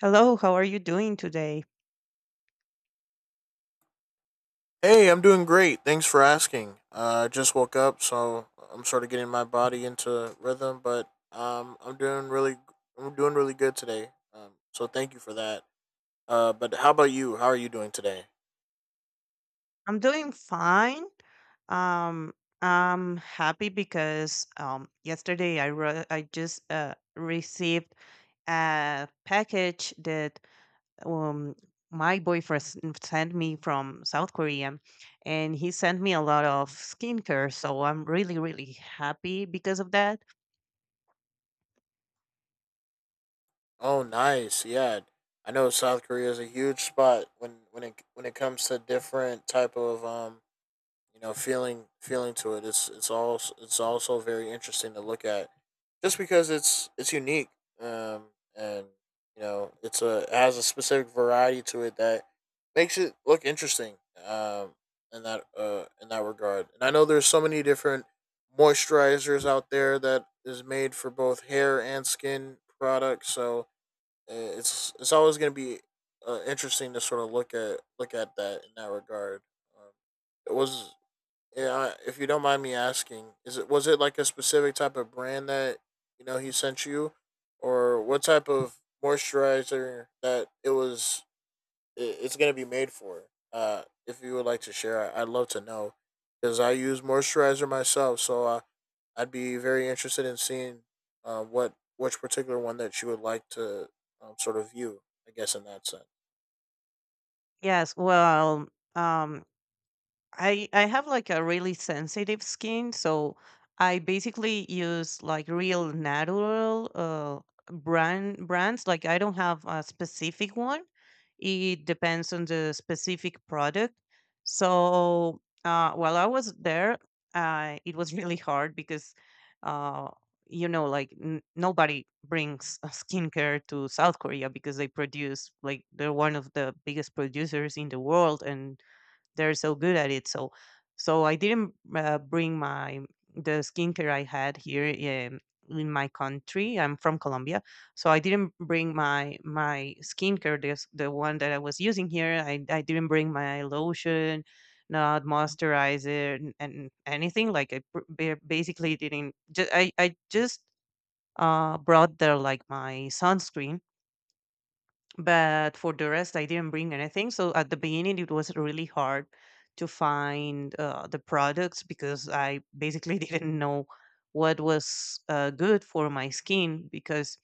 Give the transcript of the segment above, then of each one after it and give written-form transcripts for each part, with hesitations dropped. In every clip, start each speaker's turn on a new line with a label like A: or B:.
A: Hello, how are you doing today?
B: Hey, I'm doing great. Thanks for asking. I just woke up, so I'm sort of getting my body into rhythm, but I'm doing I'm doing really good today. So thank you for that. But how about you? How are you doing today?
A: I'm doing fine. Um, I'm happy because yesterday I just received a package that um, my boyfriend sent me from South Korea, and he sent me a lot of skincare. So I'm really really happy because of that.
B: Oh, nice. Yeah, I know South Korea is a huge spot when it comes to different type of you know feeling to it. It's also very interesting to look at just because it's unique, um and you know it has a specific variety to it that makes it look interesting, um in that regard. And I know there's so many different moisturizers out there that is made for both hair and skin products, so it's always going to be interesting to sort of look at that in that regard. Um, it was yeah, if you don't mind me asking, is it was it like a specific type of brand that you know he sent you, or what type of moisturizer that it was? It's gonna be made for. If you would like to share, I'd love to know because I use moisturizer myself, so I'd be very interested in seeing what which particular one that you would like to sort of view. I guess in that sense.
A: Yes, well, um, I have like a really sensitive skin, so I basically use like real natural brands. Like I don't have a specific one. It depends on the specific product. So while I was there, it was really hard because uh, you know like nobody brings skincare to South Korea because they produce like they're one of the biggest producers in the world and they're so good at it. So, so I didn't bring my the skincare I had in my country. I'm from Colombia, so I didn't bring my skincare, this the one that I was using here. I didn't bring my lotion, not moisturizer, and anything. Like basically didn't. Just, I just brought there like my sunscreen, but for the rest I didn't bring anything. So at the beginning it was really hard to find the products because I basically didn't know what was good for my skin. Because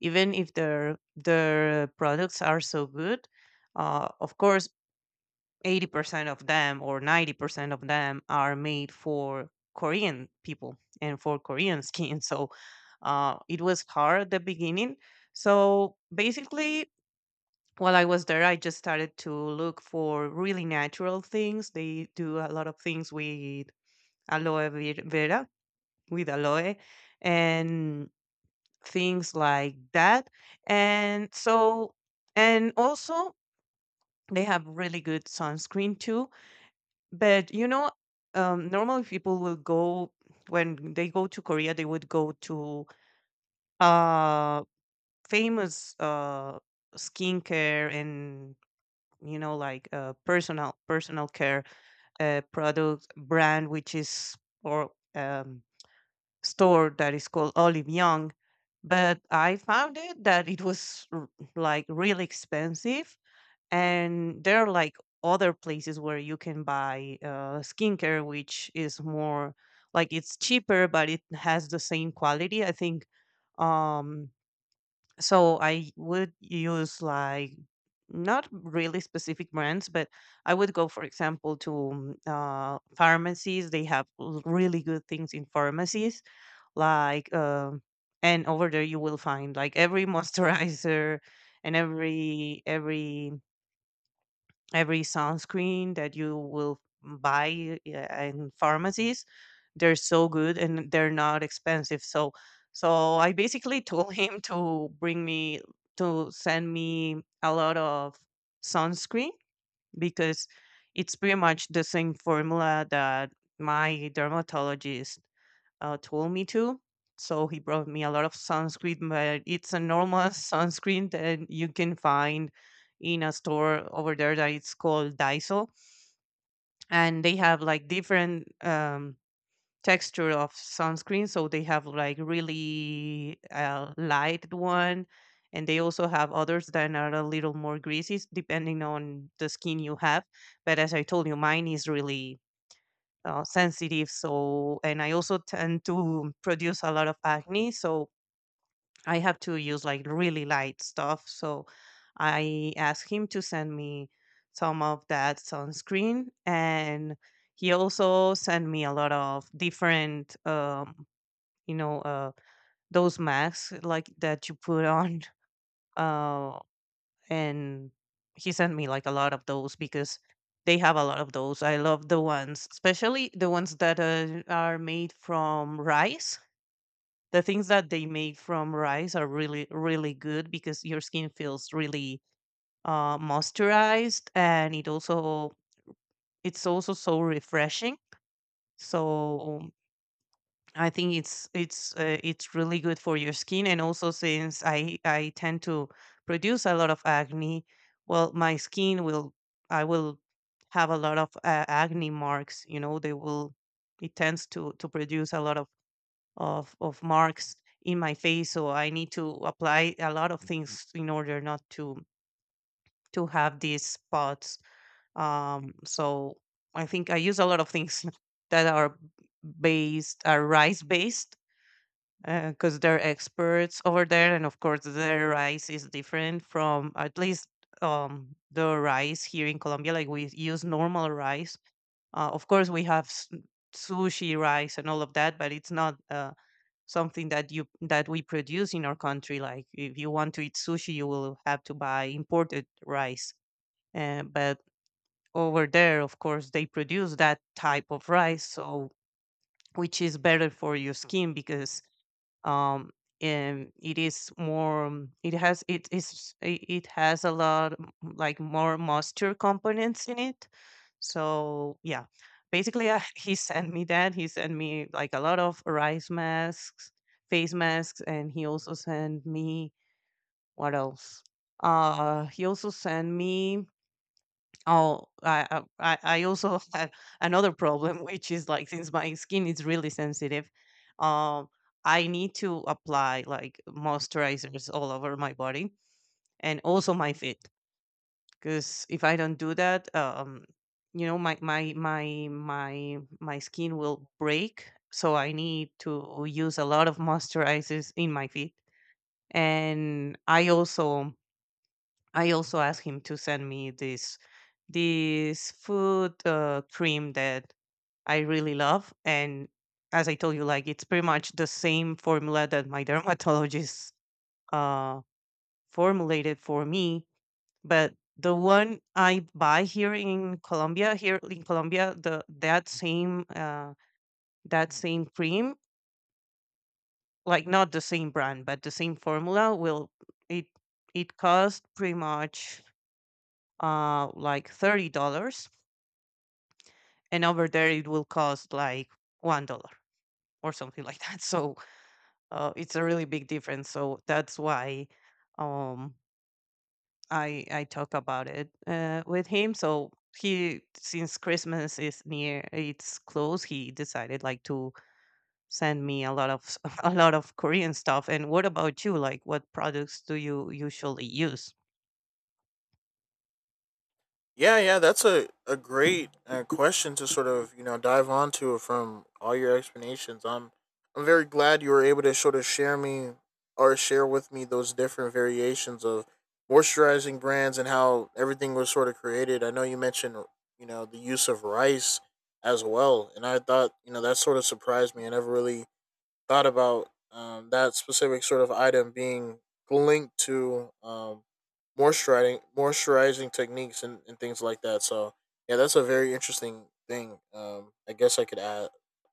A: even if their products are so good, of course 80% of them or 90% of them are made for Korean people and for Korean skin. So it was hard at the beginning. So basically while I was there, I just started to look for really natural things. They do a lot of things with vera, with aloe, and things like that. And so, and also, they have really good sunscreen too. But you know, normally people will go, when they go to Korea, they would go to uh, famous skincare and you know like personal care product brand, which is or store that is called Olive Young. But I found it that it was like really expensive, and there are like other places where you can buy skincare which is more like it's cheaper but it has the same quality, I think. um so I would use like not really specific brands, but I would go, for example, to pharmacies. They have really good things in pharmacies, like, and over there you will find like every moisturizer and every every sunscreen that you will buy in pharmacies. They're so good and they're not expensive. So so I basically told him to bring me, to send me a lot of sunscreen, because it's pretty much the same formula that my dermatologist told me to. So he brought me a lot of sunscreen, but it's a normal sunscreen that you can find in a store over there that it's called Daiso. And they have like different texture of sunscreen. So they have like really light one, and they also have others that are a little more greasy, depending on the skin you have. But as I told you, mine is really sensitive. So, and I also tend to produce a lot of acne. So I have to use like really light stuff. So I asked him to send me some of that sunscreen. And he also sent me a lot of different, you know, uh, those masks like that you put on. Uh, and he sent me like a lot of those because they have a lot of those. I love the ones, especially the ones that are made from rice. The things that they make from rice are really, really good because your skin feels really moisturized, and it also, it's also so refreshing. So I think it's really good for your skin, and also since I tend to produce a lot of acne, well, my skin will, I will have a lot of acne marks. You know, they will, it tends to produce a lot of marks in my face. So I need to apply a lot of things in order not to have these spots. So I think I use a lot of things that are based are rice based, because they're experts over there, and of course their rice is different from at least the rice here in Colombia. Like we use normal rice. Of course we have sushi rice and all of that, but it's not something that you that we produce in our country. Like if you want to eat sushi, you will have to buy imported rice. But over there, of course, they produce that type of rice, so which is better for your skin. Because um and it is more it has it is it it has a lot like more moisture components in it. So yeah, basically I, he sent me that he sent me like a lot of rice masks, face masks, and he also sent me, what else, he also sent me, oh, I also have another problem, which is like, since my skin is really sensitive, um, I need to apply like moisturizers all over my body and also my feet. Because if I don't do that, you know, my skin will break. So I need to use a lot of moisturizers in my feet, and I also, I also asked him to send me this this food cream that I really love. And as I told you, like it's pretty much the same formula that my dermatologist uh, formulated for me. But the one I buy here in Colombia, the that same that same cream, like not the same brand, but the same formula, will it, it cost pretty much like $30, and over there it will cost like $1 or something like that. So it's a really big difference. So that's why um I talk about it with him. So he, since Christmas is near, it's close, he decided like to send me a lot of s- a lot of Korean stuff. And what about you, like what products do you usually use?
B: Yeah, yeah, that's a great question to sort of you know dive onto from all your explanations. I'm very glad you were able to sort of share me or share with me those different variations of moisturizing brands and how everything was sort of created. I know you mentioned you know the use of rice as well, and I thought you know that sort of surprised me. I never really thought about that specific sort of item being linked to moisturizing techniques and things like that. So yeah, that's a very interesting thing. I guess I could add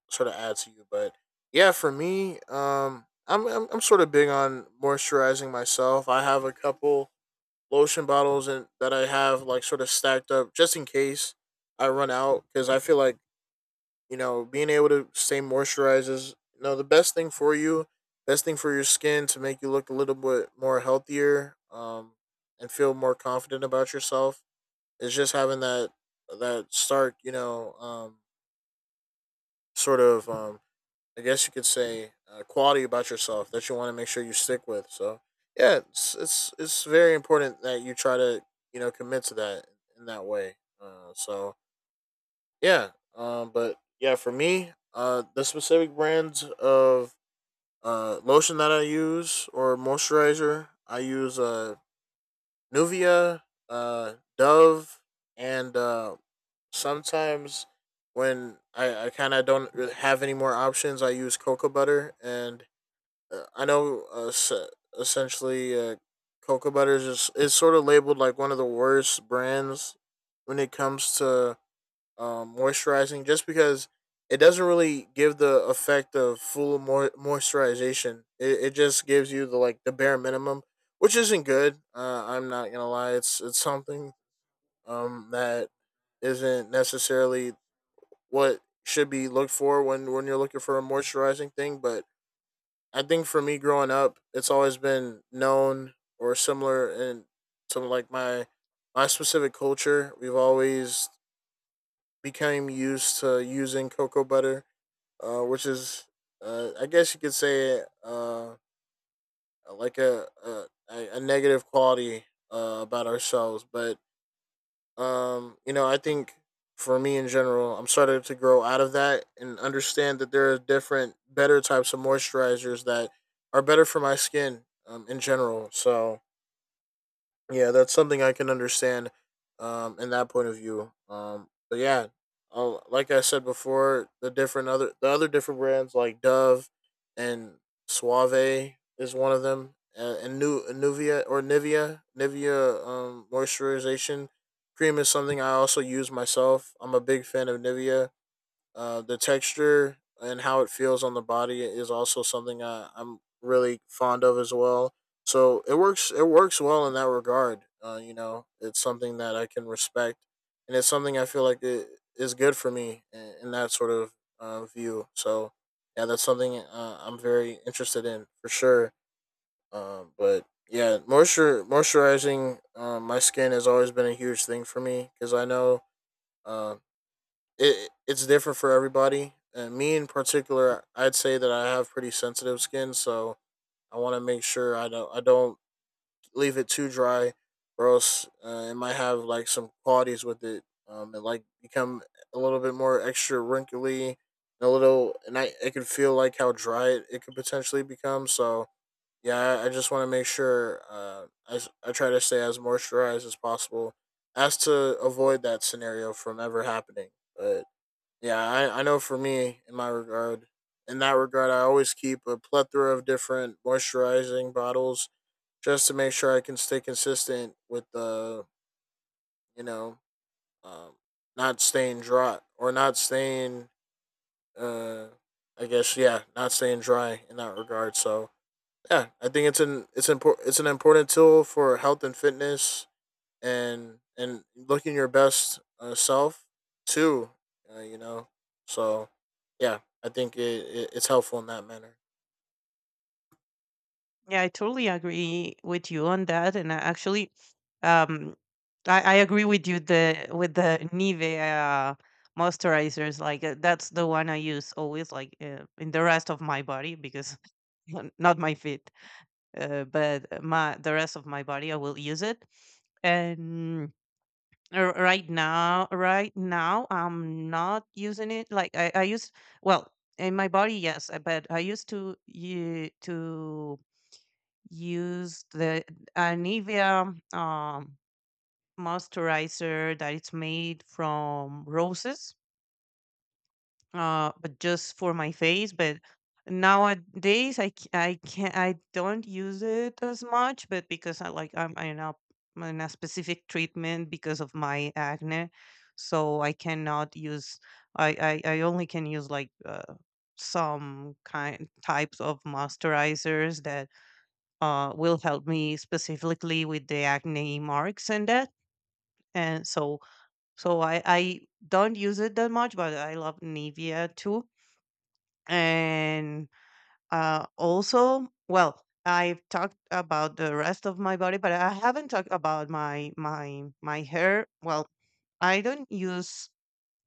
B: sort of add to you, but yeah, for me, I'm sort of big on moisturizing myself. I have a couple lotion bottles and that I have like sort of stacked up just in case I run out because I feel like you know, being able to stay moisturized is you know the best thing for you, best thing for your skin to make you look a little bit more healthier, and feel more confident about yourself. Is just having that that stark, sort of, I guess you could say, quality about yourself that you want to make sure you stick with. So yeah, it's very important that you try to you know commit to that in that way. So yeah. But yeah, for me, the specific brands of lotion that I use or moisturizer, I use Nuvia, Dove, and sometimes when I kind of don't really have any more options, I use cocoa butter, and I know essentially cocoa butter is just, it's sort of labeled like one of the worst brands when it comes to moisturizing just because it doesn't really give the effect of full moisturization. It just gives you the like the bare minimum, which isn't good. I'm not gonna lie, it's something that isn't necessarily what should be looked for when you're looking for a moisturizing thing. But I think for me growing up, it's always been known or similar in to like my specific culture. We've always became used to using cocoa butter, which is, I guess you could say, like a negative quality about ourselves. But you know, I think for me in general, I'm starting to grow out of that and understand that there are different, better types of moisturizers that are better for my skin in general. So yeah, that's something I can understand in that point of view. But yeah, like I said before, the different other the other different brands like Dove and Suave is one of them and new Nuvia or Nivea, Nivea moisturization cream is something I also use myself. I'm a big fan of Nivea. The texture and how it feels on the body is also something I'm really fond of as well. So it works. It works well in that regard. You know, it's something that I can respect, and it's something I feel like it is good for me in that sort of view. So yeah, that's something I'm very interested in for sure. But yeah, moisture moisturizing my skin has always been a huge thing for me because I know um, it it's different for everybody. And me in particular, I'd say that I have pretty sensitive skin, so I want to make sure I don't leave it too dry, or else it might have like some qualities with it, and like become a little bit more extra wrinkly, and a little, and I it could feel like how dry it could potentially become. So yeah, I just want to make sure I try to stay as moisturized as possible, as to avoid that scenario from ever happening, but yeah, I know for me, in that regard, I always keep a plethora of different moisturizing bottles just to make sure I can stay consistent with the, you know, um, not staying dry or not staying, uh, I guess, yeah, not staying dry in that regard. So, yeah, I think it's important, it's an important tool for health and fitness and looking your best self too. You know, so yeah, I think it's helpful in that manner.
A: Yeah, I totally agree with you on that. And I actually, um, I agree with you the with the Nivea uh, moisturizers. Like that's the one I use always, like in the rest of my body, because not my feet, but my the rest of my body I will use it. And right now I'm not using it. Like I use, well in my body, yes, but I used to you to used the Nivea moisturizer that it's made from roses, but just for my face. But nowadays, I can't, I don't use it as much, but because I like I'm I'm in a specific treatment because of my acne, so I cannot use, I only can use like. Some kind types of moisturizers that will help me specifically with the acne marks and that. And so, so I don't use it that much, but I love Nivea too. And also, well, I've talked about the rest of my body, but I haven't talked about my hair. Well, I don't use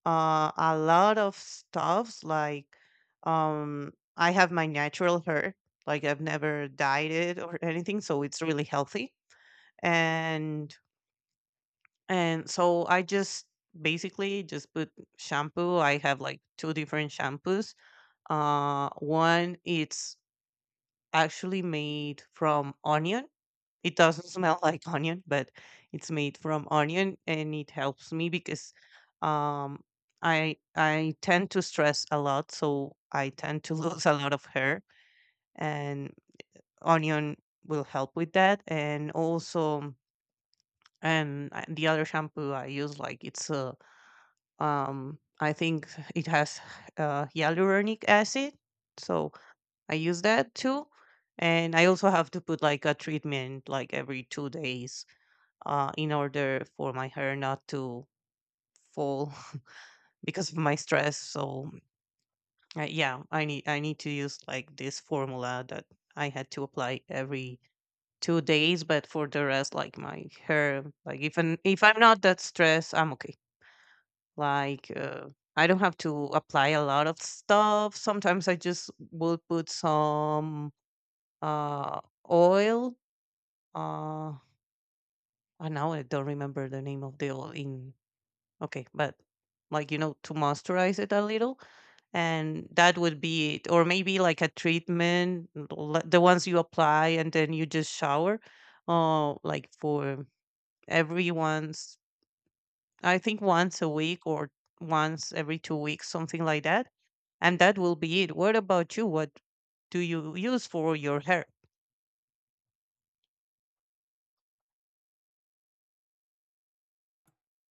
A: a lot of stuffs like I have my natural hair. Like I've never dyed it or anything, so it's really healthy. and and so I just basically just put shampoo. I have like two different shampoos. One it's actually made from onion. It doesn't smell like onion, but it's made from onion, and it helps me because um, I tend to stress a lot, so I tend to lose a lot of hair, and onion will help with that. And also and the other shampoo I use, like it's a, I think it has hyaluronic acid, so I use that too. And I also have to put like a treatment like every 2 days, in order for my hair not to fall because of my stress. So yeah, I need to use like this formula that I had to apply every 2 days. But for the rest, like my hair, like if I'm not that stressed, I'm okay. Like, I don't have to apply a lot of stuff. Sometimes I just will put some uh, oil. Uh, I now I don't remember the name of the oil in. Okay, but to moisturize it a little, and that would be it. Or maybe like a treatment, the ones you apply and then you just shower, like for every once, I think once a week or once every 2 weeks, something like that, and that will be it. What about you? What do you use for your hair?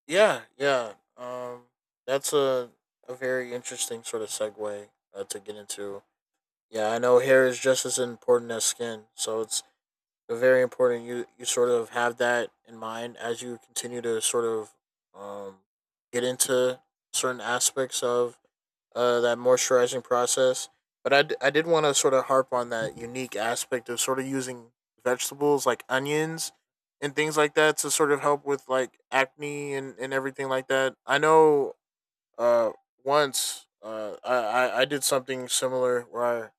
B: Yeah, yeah. That's a very interesting sort of segue to get into. Yeah, I know hair is just as important as skin, so it's very important you sort of have that in mind as you continue to sort of um, get into certain aspects of that moisturizing process. But I did want to sort of harp on that unique aspect of sort of using vegetables like onions and things like that to sort of help with like acne and everything like that. I know uh, once I did something similar where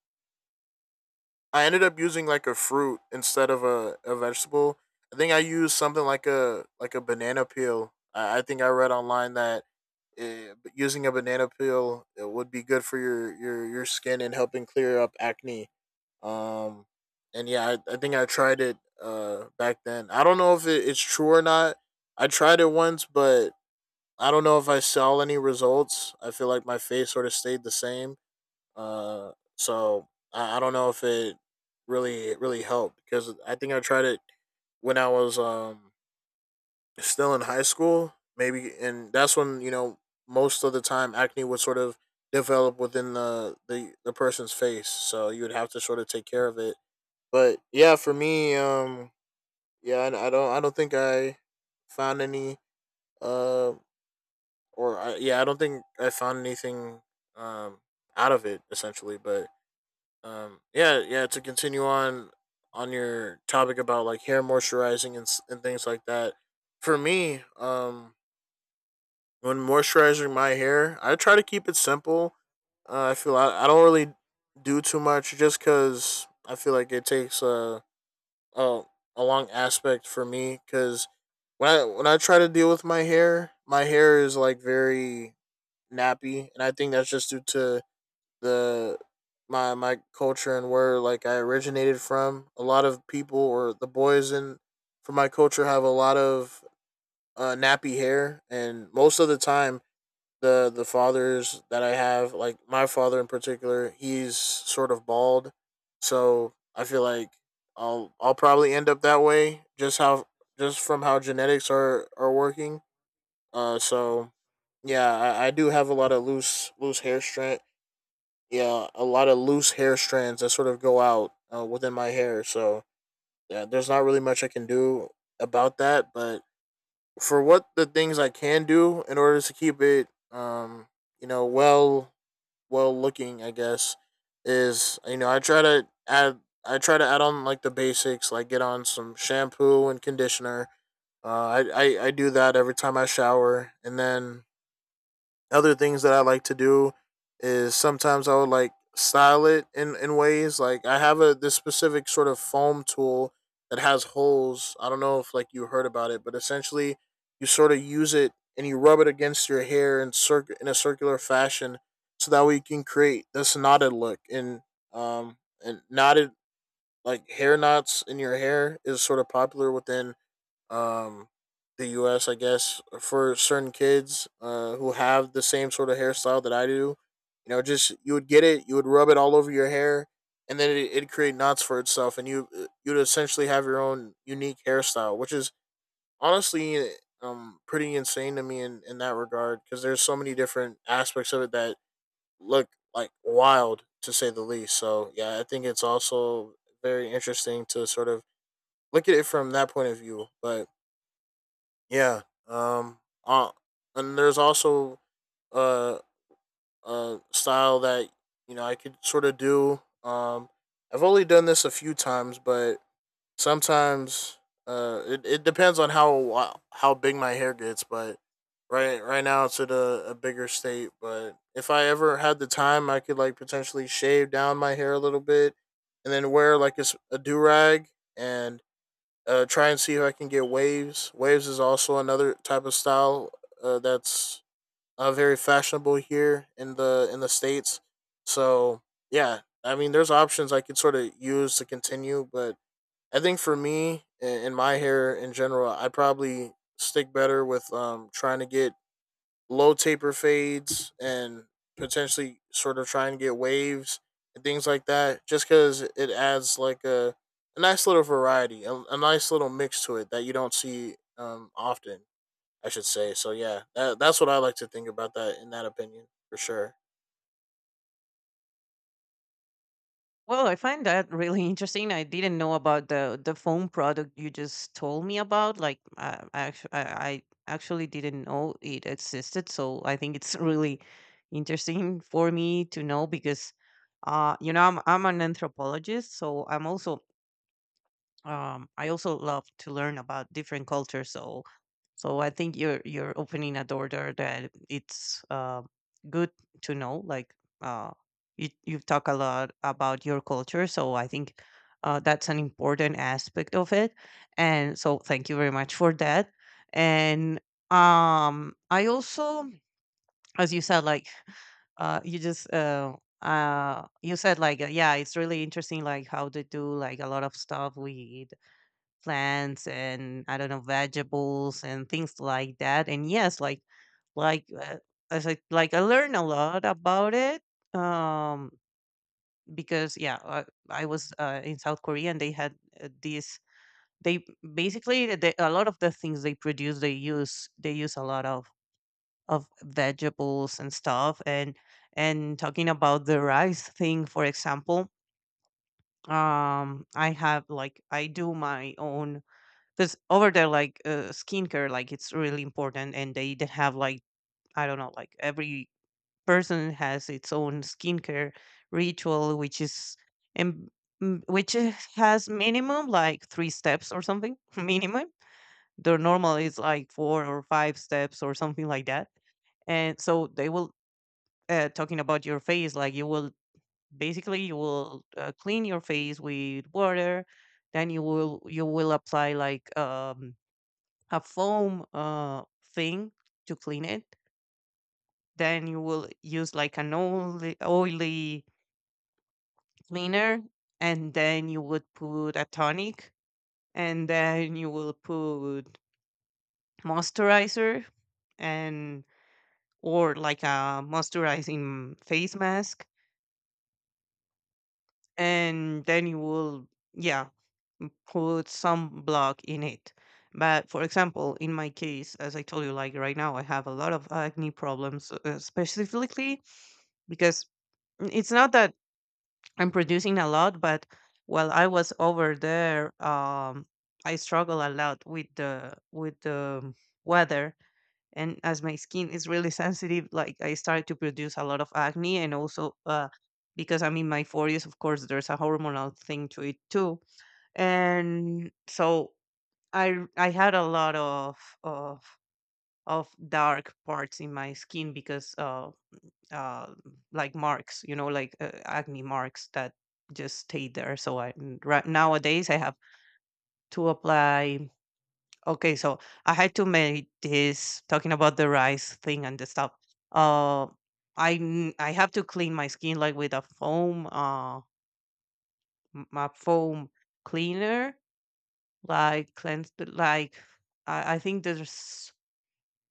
B: I ended up using like a fruit instead of a vegetable. I think I used something like a banana peel. I think I read online that using a banana peel it would be good for your your skin and helping clear up acne, um and yeah I think I tried it back then I don't know if it's true or not. I tried it once, but I don't know if I saw any results. I feel like my face sort of stayed the same, so I don't know if it really helped because I think I tried it when I was still in high school, maybe, and that's when you know most of the time acne would sort of develop within the person's face. So you would have to sort of take care of it. But yeah, for me, yeah, I don't think I found any, uh, yeah, I don't think I found anything, um, out of it essentially. But yeah, yeah, to continue on your topic about like hair moisturizing and and things like that. For me, when moisturizing my hair, I try to keep it simple. I feel I don't really do too much just because I feel like it takes a a long aspect for me. Because when I try to deal with my hair is like very nappy, and I think that's just due to the my culture and where like I originated from. A lot of people or the boys in from my culture have a lot of nappy hair, and most of the time the fathers that I have, like my father in particular, he's sort of bald, so I feel like I'll probably end up that way just how just from how genetics are working. So yeah, I do have a lot of loose hair strand. Yeah, a lot of loose hair strands that sort of go out within my hair. So yeah, there's not really much I can do about that. But for what the things I can do in order to keep it, well well looking, I guess, is I try to add on like the basics, like get on some shampoo and conditioner. I do that every time I shower, and then other things that I like to do is sometimes I would like style it in ways like I have a this specific sort of foam tool that has holes. I don't know if like you heard about it, but essentially you sort of use it and you rub it against your hair in a circular fashion so that way you can create this knotted look um and knotted like hair knots in your hair is sort of popular within um, the U.S. I guess for certain kids who have the same sort of hairstyle that I do. You know, just you would get it, you would rub it all over your hair, and then it'd create knots for itself, and you'd essentially have your own unique hairstyle, which is honestly pretty insane to me in that regard because there's so many different aspects of it that look like wild to say the least. So yeah, I think it's also very interesting to sort of look at it from that point of view, but yeah. Um. Uh, and there's also uh a style that I could sort of do. I've only done this a few times, but sometimes it depends on how big my hair gets. But right now it's at a bigger state. But if I ever had the time, I could like potentially shave down my hair a little bit, and then wear like do rag and try and see if I can get waves. Waves is also another type of style that's very fashionable here in the states. So yeah, I mean, there's options I could sort of use to continue, but I think for me in my hair in general, I probably stick better with trying to get low taper fades and potentially sort of try and get waves and things like that just because it adds like a nice little variety a nice little mix to it that you don't see often I should say. So yeah, that's what I like to think about that in that opinion for sure.
A: Well, I find that really interesting. I didn't know about the foam product you just told me about. Like, I actually didn't know it existed. So I think it's really interesting for me to know because, I'm an anthropologist, so I'm also I also love to learn about different cultures. So, so I think you're opening a door there that it's good to know. Like uh, you you've talked a lot about your culture, so I think that's an important aspect of it. And so, thank you very much for that. And I also, as you said, like uh, you just uh, you said yeah, it's really interesting like how they do like a lot of stuff with plants and, I don't know, vegetables and things like that. And yes, like uh, as I, like, I learned a lot about it, um, because yeah, I was in South Korea and they had this. They basically they, a lot of the things they produce, they use, they use a lot of vegetables and stuff. And talking about the rice thing for example, I have like, I do my own, because over there, like, skincare, like, it's really important, and they have, like, I don't know, like, every person has its own skincare ritual, which is, and which has minimum like three steps or something, minimum. Their normal is like four or five steps or something like that, and so they will, talking about your face, like you will basically, you will clean your face with water, then you will apply like a foam thing to clean it. Then you will use like an oily, oily cleaner, and then you would put a tonic, and then you will put moisturizer, and, or like a moisturizing face mask, and then you will, yeah, put some block in it. But for example, in my case, as I told you, like right now, I have a lot of acne problems, specifically because, it's not that I'm producing a lot, but while I was over there, I struggle a lot with the weather, and as my skin is really sensitive, like, I started to produce a lot of acne, and also because I'm in my 40s, of course, there's a hormonal thing to it too, and so I had a lot of of dark parts in my skin because uh, like marks, you know, like acne marks that just stayed there. So right nowadays I have to apply. Okay, so I had to make this, talking about the rice thing and the stuff. Uh, I have to clean my skin like with a foam, a foam cleaner, like cleanse, like I think there's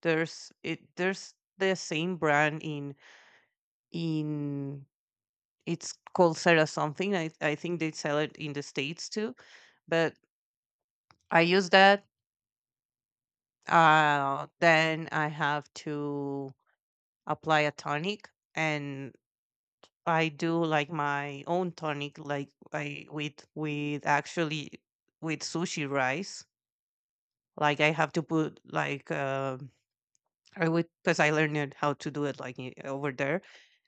A: there's it there's the same brand in, it's called Sarah something. I think they sell it in the states too, but I use that. Then I have to apply a tonic, and I do like my own tonic, like I, with actually with sushi rice. Like I have to put like I would, because I learned it how to do it like, over there.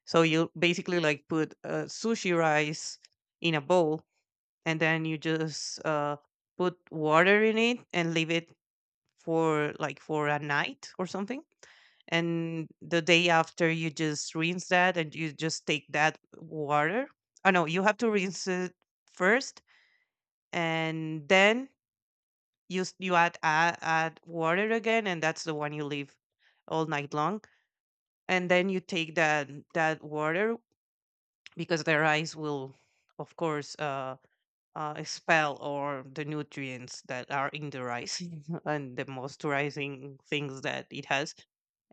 A: So you basically like put sushi rice in a bowl, and then you just put water in it and leave it for like for a night or something, and the day after you just rinse that and you just take that water. Oh no, you have to rinse it first, and then you you add water again, and that's the one you leave all night long, and then you take that, that water, because the rice will of course spell, or the nutrients that are in the rice, and the moisturizing things that it has.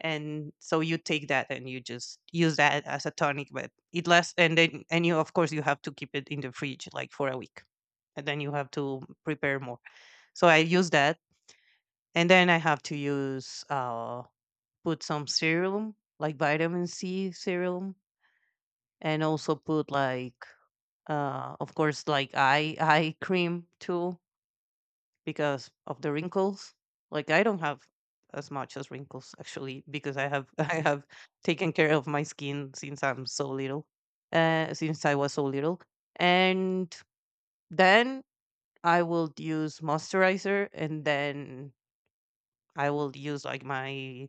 A: And so you take that and you just use that as a tonic, but it lasts. And then, and you, of course, you have to keep it in the fridge like for a week. And then you have to prepare more. So I use that. And then I have to use, put some serum, like vitamin C serum, and also put like, of course, like eye cream too, because of the wrinkles. Like, I don't have as much as wrinkles actually, because I have I have taken care of my skin since I'm so little, since I was so little, and then I will use moisturizer, and then I will use like my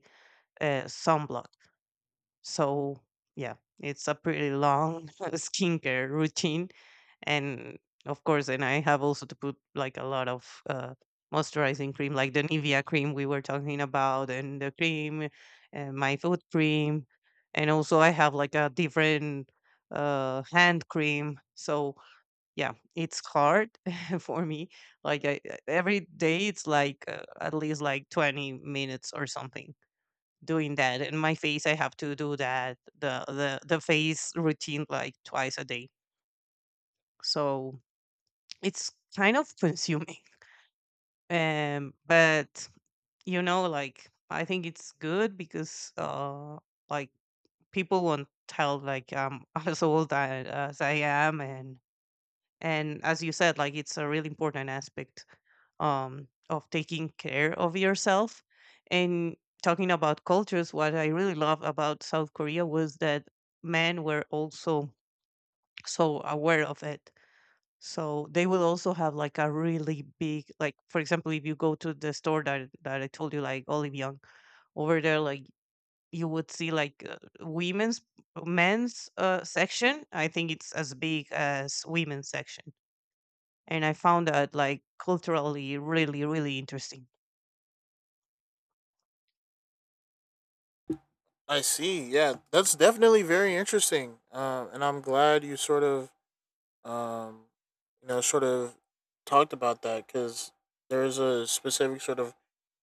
A: sunblock, so yeah, it's a pretty long skincare routine, and of course, and I have also to put like a lot of moisturizing cream, like the Nivea cream we were talking about, and the cream, and my foot cream, and also I have like a different hand cream. So yeah, it's hard for me, like, I, every day it's like at least like 20 minutes or something doing that. And my face, I have to do that, the face routine, like twice a day. So it's kind of consuming. But you know, like, I think it's good, because like people won't tell like I'm as I am. And as you said, like, it's a really important aspect, of taking care of yourself. And, talking about cultures, what I really love about South Korea was that men were also so aware of it. So they will also have like a really big, like for example, if you go to the store that I told you, like Olive Young over there, like, you would see like women's men's section, I think, it's as big as women's section. And I found that like culturally really really interesting.
B: I see. Yeah, that's definitely very interesting. And I'm glad you sort of um, you know, sort of talked about that because there's a specific sort of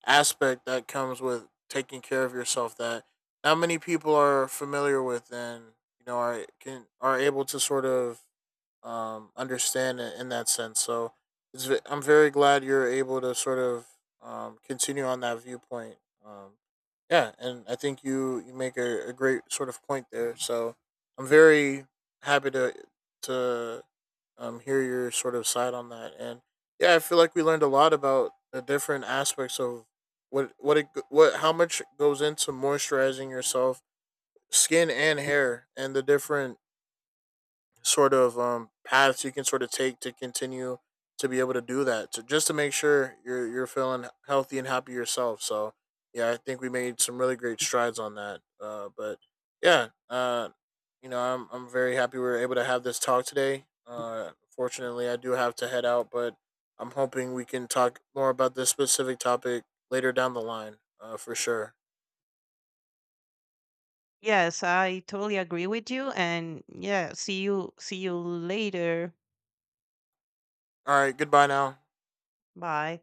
B: aspect that comes with taking care of yourself that not many people are familiar with and you know are can are able to sort of understand it in that sense. So it's, I'm very glad you're able to sort of continue on that viewpoint. Um, yeah, and I think you make a great sort of point there. So I'm very happy to hear your sort of side on that. And yeah, I feel like we learned a lot about the different aspects of what it what how much goes into moisturizing yourself, skin and hair, and the different sort of paths you can sort of take to continue to be able to do that to just to make sure you're feeling healthy and happy yourself. So yeah, I think we made some really great strides on that but yeah uh, you know I'm very happy we were able to have this talk today. Fortunately I do have to head out, but I'm hoping we can talk more about this specific topic later down the line, for sure.
A: Yes, I totally agree with you, and yeah, see you later.
B: All right, goodbye now.
A: Bye.